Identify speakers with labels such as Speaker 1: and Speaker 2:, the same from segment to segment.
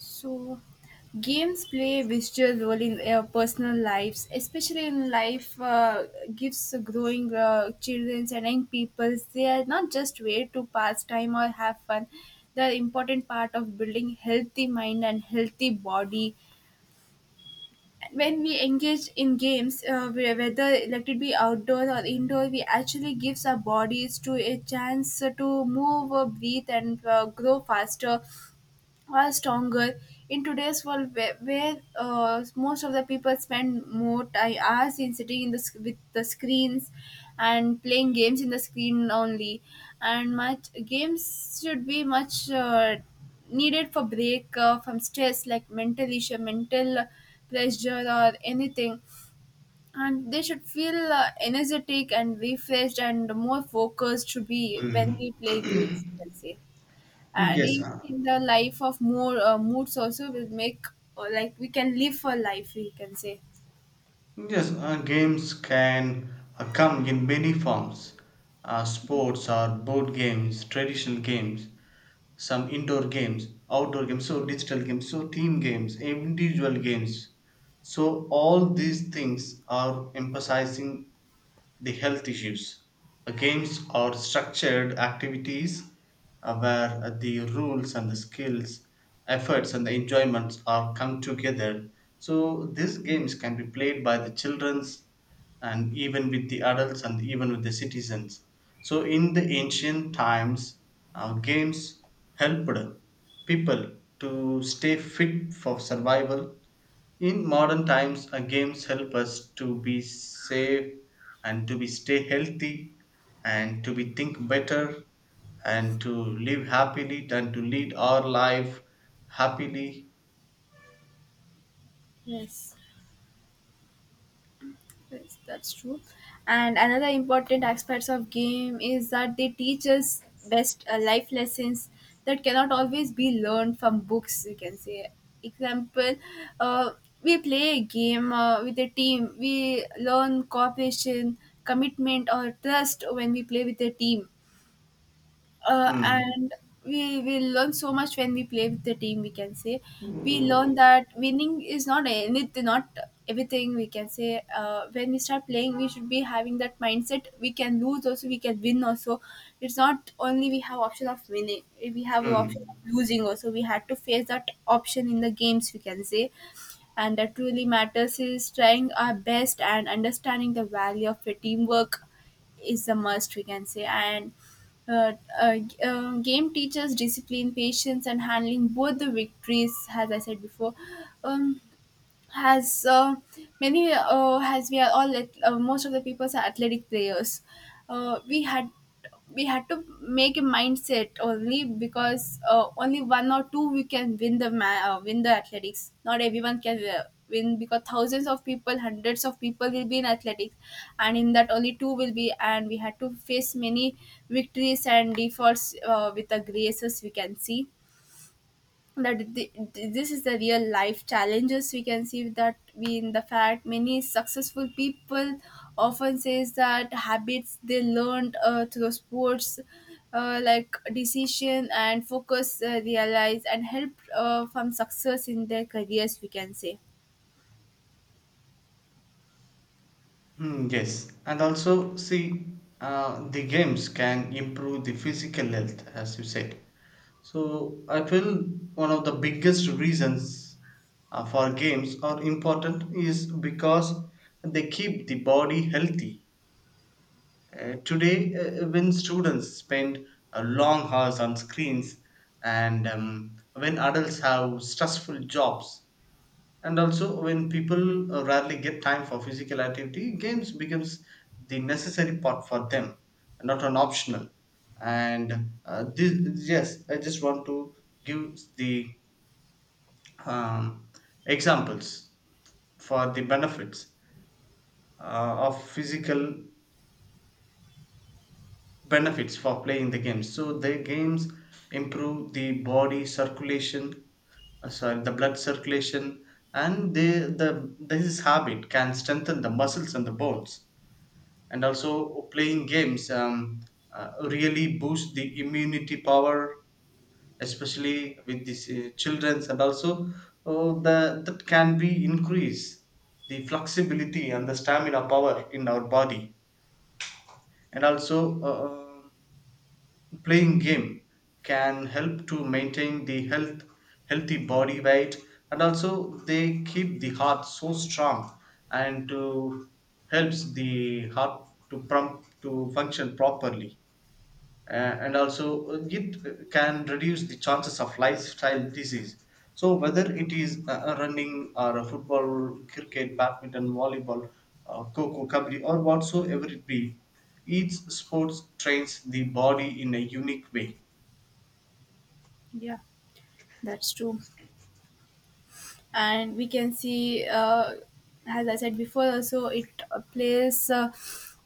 Speaker 1: So, games play a visual role in our personal lives, especially in life gives growing children and young people. They are not just way to pass time or have fun. They are important part of building healthy mind and healthy body. And when we engage in games, whether let it be outdoor or indoor, we actually gives our bodies to a chance to move, breathe, and grow faster are stronger in today's world where most of the people spend more time hours in sitting in with the screens and playing games in the screen only, and much games should be much needed for break from stress like mental issue mental pressure or anything, and they should feel energetic and refreshed and more focused to be when
Speaker 2: Mm.
Speaker 1: we play games, you can say. And
Speaker 2: Yes,
Speaker 1: even in the life of more moods also will make, or like we can live for life, we can say.
Speaker 2: yes. Games can come in many forms. Sports or board games, traditional games, some indoor games, outdoor games, so digital games, so team games, individual games. So all these things are emphasizing the health issues. Games are structured activities where the rules and the skills, efforts and the enjoyments are come together. So these games can be played by the childrens and even with the adults and even with the citizens. So in the ancient times, games helped people to stay fit for survival in modern times, games help us to be safe and to be stay healthy and to be think better and to live happily and to lead our life happily.
Speaker 1: Yes, yes that's true, and another important aspects of game is that they teach us best life lessons that cannot always be learned from books, we can say. Example, uh, we play a game with a team we learn cooperation, commitment or trust when we play with a team.
Speaker 2: Mm.
Speaker 1: And we learn so much when we play with the team, we can say. We learn that winning is not anything, not everything, we can say. When we start playing we should be having that mindset, we can lose also, we can win also. It's not only we have option of winning, we have an option
Speaker 2: Mm.
Speaker 1: of losing also, we had to face that option in the games, we can say. And that really matters is trying our best and understanding the value of a teamwork is a must, we can say. And uh, game teaches discipline, patience, and handling both the victories, as I said before. Um, has many, has we are all at, most of the people are athletic players. uh, we had we had to make a mindset only because only one or two we can win win the athletics, not everyone can win because thousands of people hundreds of people will be in athletics, and in that only two will be, and we had to face many victories and defaults with the graces, we can see that. The, this is the real life challenges, we can see that we in the fact many successful people often says that habits they learned through sports, like decision and focus, realize and help from success in their careers, we can say.
Speaker 2: Yes, and also see, the games can improve the physical health, as you said. So I feel one of the biggest reasons for games are important is because they keep the body healthy. Today, when students spend long hours on screens, and when adults have stressful jobs, and also when people rarely get time for physical activity games becomes the necessary part for them not an optional and this yes I just want to give the um, examples for the benefits uh, of physical benefits for playing the games so the games improve the body circulation sorry the blood circulation and they, the this habit can strengthen the muscles and the bones and also playing games really boost the immunity power especially with these children's and also that can be increase the flexibility and the stamina power in our body and also playing game can help to maintain the health healthy body weight and also they keep the heart so strong and to helps the heart to pump to function properly and also it can reduce the chances of lifestyle disease so whether it is running or a football cricket badminton volleyball coco kabaddi or whatsoever it be each sport trains the body in a unique way.
Speaker 1: Yeah, that's true, and we can see as I said before, also it plays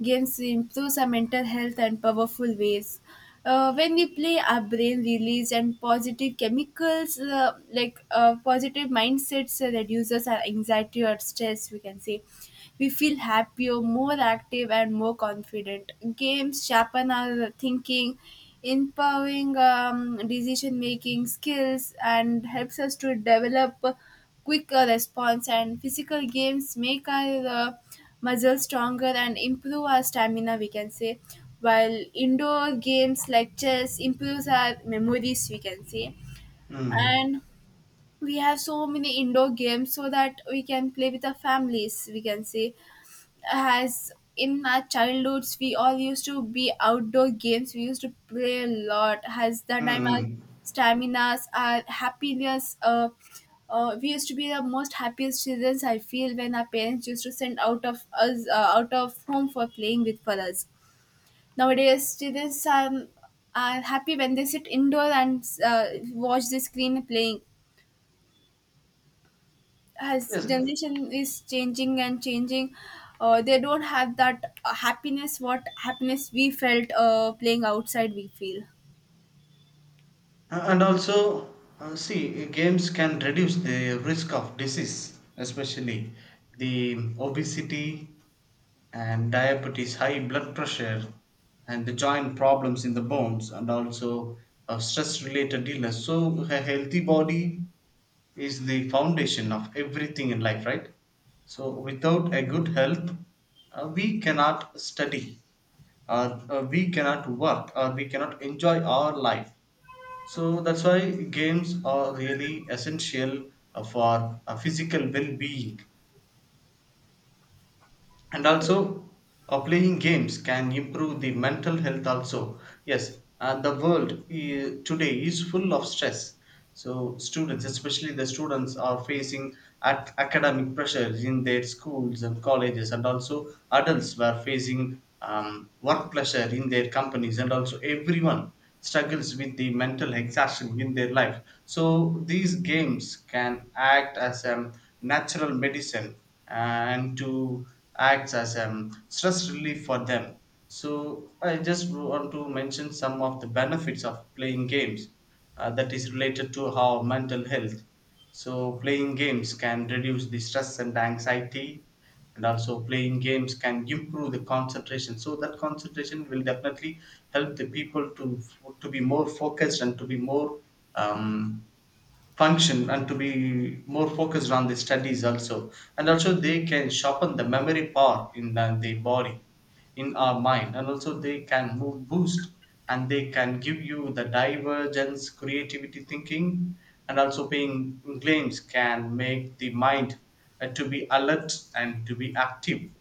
Speaker 1: games improves our mental health and powerful ways. When we play, our brain release and positive chemicals positive mindsets, reduces our anxiety or stress, we can say. We feel happier, more active, and more confident. Games sharpen our thinking, empowering decision making skills, and helps us to develop a quicker response. And physical games make our muscles stronger and improve our stamina, we can say. While indoor games like chess improves our memories, we can say.
Speaker 2: Mm.
Speaker 1: And we have so many indoor games so that we can play with our families, we can say. As in our childhoods we all used to be outdoor games, we used to play a lot. Has that time our
Speaker 2: Mm.
Speaker 1: staminas, our happiness, we used to be the most happiest children I feel, when our parents used to send out of us out of home for playing with for us. Nowadays children are happy when they sit indoor and watch the screen playing, has
Speaker 2: Yes.
Speaker 1: generation is changing and changing. They don't have that happiness, what happiness we felt playing outside, we feel.
Speaker 2: And also see games can reduce the risk of disease especially the obesity and diabetes high blood pressure and the joint problems in the bones and also stress related illness so a healthy body is the foundation of everything in life right so without a good health we cannot study or we cannot work or we cannot enjoy our life so that's why games are really essential for a physical well being and also playing games can improve the mental health also yes and the world today is full of stress so students especially the students are facing ac- academic pressures in their schools and colleges and also adults were facing work pressure in their companies and also everyone struggles with the mental exhaustion in their life so these games can act as a natural medicine and to act as a stress relief for them. So I just want to mention some of the benefits of playing games that is related to our mental health. So playing games can reduce the stress and anxiety, and also playing games can improve the concentration. So that concentration will definitely help the people to be more focused and to be more um, function and to be more focused on the studies also and also they can sharpen the memory part in the body in our mind and also they can move boost and they can give you the divergence creativity thinking and also playing games can make the mind to be alert and to be active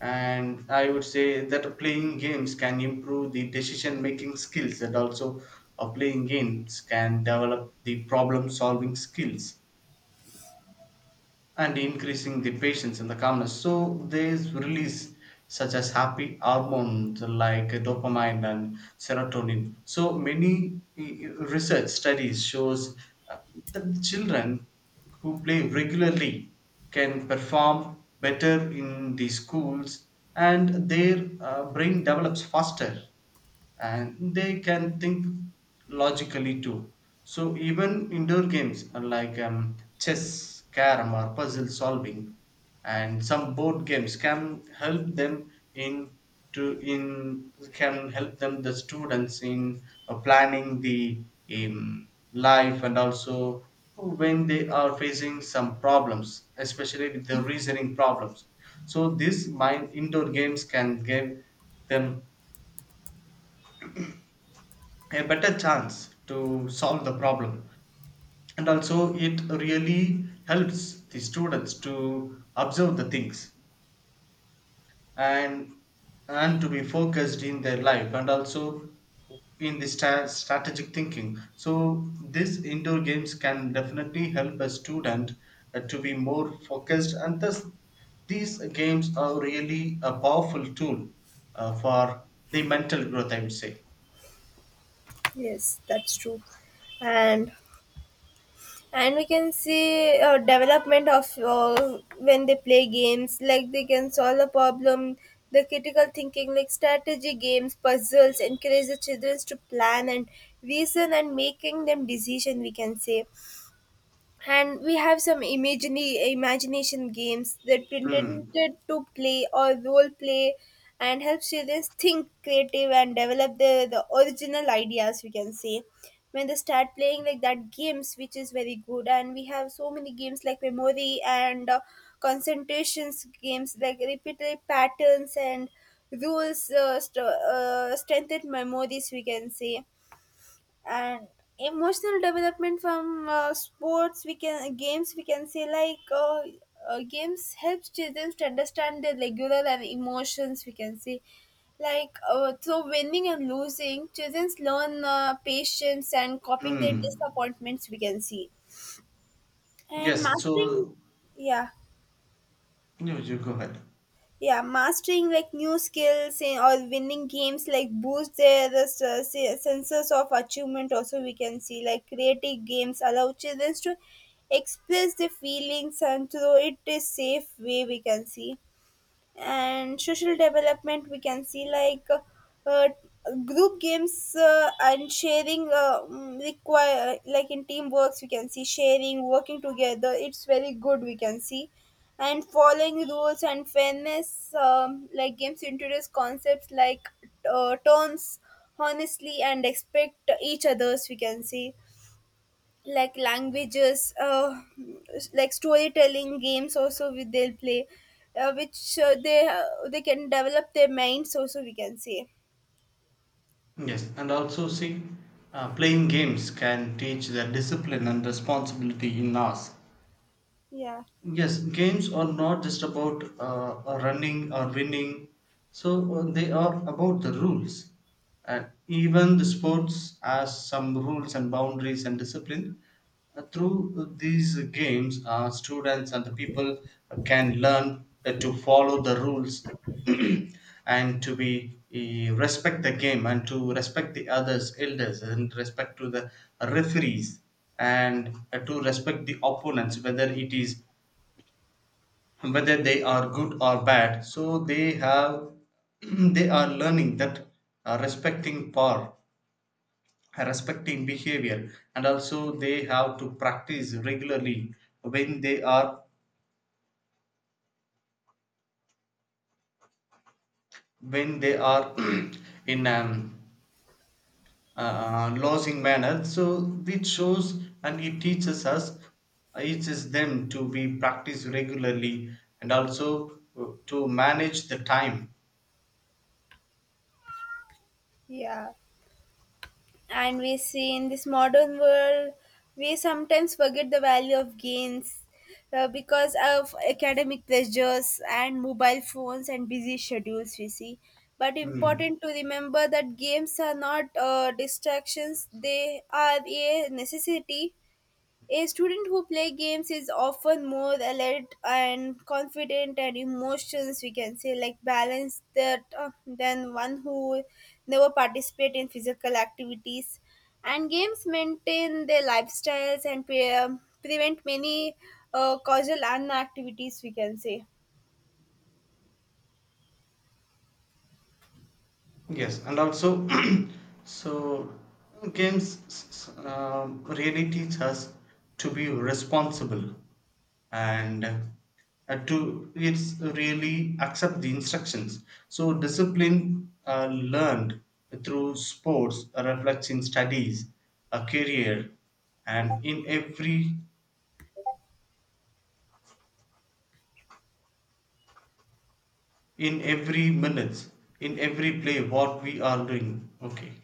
Speaker 2: and I would say that playing games can improve the decision making skills and also playing games can develop the problem solving skills and increasing the patience and the calmness. So they release such as happy hormones like dopamine and serotonin. So many research studies shows uh, that children who play regularly can perform better in the schools and their brain develops faster and they can think logically too. So even indoor games are like chess, carom, or puzzle solving, and some board games can help them in to in can help them the students in planning the life and also when they are facing some problems, especially with the reasoning problems. So this mind indoor games can give them a better chance to solve the problem and also it really helps the students to observe the things and and to be focused in their life and also in the stra- strategic thinking so these indoor games can definitely help a student to be more focused and thus these games are really a powerful tool for the mental growth I would say.
Speaker 1: Yes, that's true. And and we can see development of when they play games, like they can solve a problem. The critical thinking, like strategy games, puzzles, encourage the children to plan and reason and making them decision, we can say. And we have some imagination games that
Speaker 2: Hmm.
Speaker 1: pretended to play or role play, and help students think creative and develop the original ideas, we can say, when they start playing like that games, which is very good. And we have so many games like memory and concentrations games, like repeated patterns and rules, strengthened memories, we can say. And emotional development from sports we can games we can say, like games helps children to understand their regular and emotions, we can say. Like through winning and losing, children learn patience and coping their
Speaker 2: Hmm.
Speaker 1: disappointments, we can see, and
Speaker 2: Yes,
Speaker 1: mastering.
Speaker 2: so
Speaker 1: Yeah,
Speaker 2: you go ahead.
Speaker 1: yeah, mastering like new skills in, or winning games, like boost their senses of achievement also, we can see. Like creative games allow children to express their feelings, and through it is safe way, we can see. And social development, we can see, like uh, group games and sharing, require like in teamworks, we can see, sharing working together, it's very good, we can see. And following rules and fairness, like games introduce concepts like turns honestly and expect each others, we can see. Like languages, like storytelling games also, we, they'll play, which they can develop their minds also, we can say.
Speaker 2: Yes, and also see, playing games can teach the discipline and responsibility in us.
Speaker 1: Yeah,
Speaker 2: Yes, games are not just about running or winning, so they are about the rules. And even the sports has some rules and boundaries and discipline. Through these games, students and the people can learn to follow the rules and to be respect the game and to respect the others, elders, and respect to the referees and to respect the opponents, whether it is whether they are good or bad so they have they are learning that respecting power respecting behavior and also they have to practice regularly when they are when they are in losing manner so it shows and it teaches us teaches them to be practiced regularly and also to manage the time.
Speaker 1: yeah, and we see in this modern world we sometimes forget the value of games, because of academic pressures and mobile phones and busy schedules, we see. But
Speaker 2: Hmm.
Speaker 1: important to remember that games are not distractions, they are a necessity. A student who plays games is often more alert and confident and emotions, we can say, like balanced, that than one who never participate in physical activities. And games maintain their lifestyles and prevent many causal unactivities, we can say.
Speaker 2: Yes, and also, so games really teach us to be responsible and to it's really accept the instructions. So discipline learned through sports reflects in studies, a career, and in every minutes, in every play, what we are doing. Okay.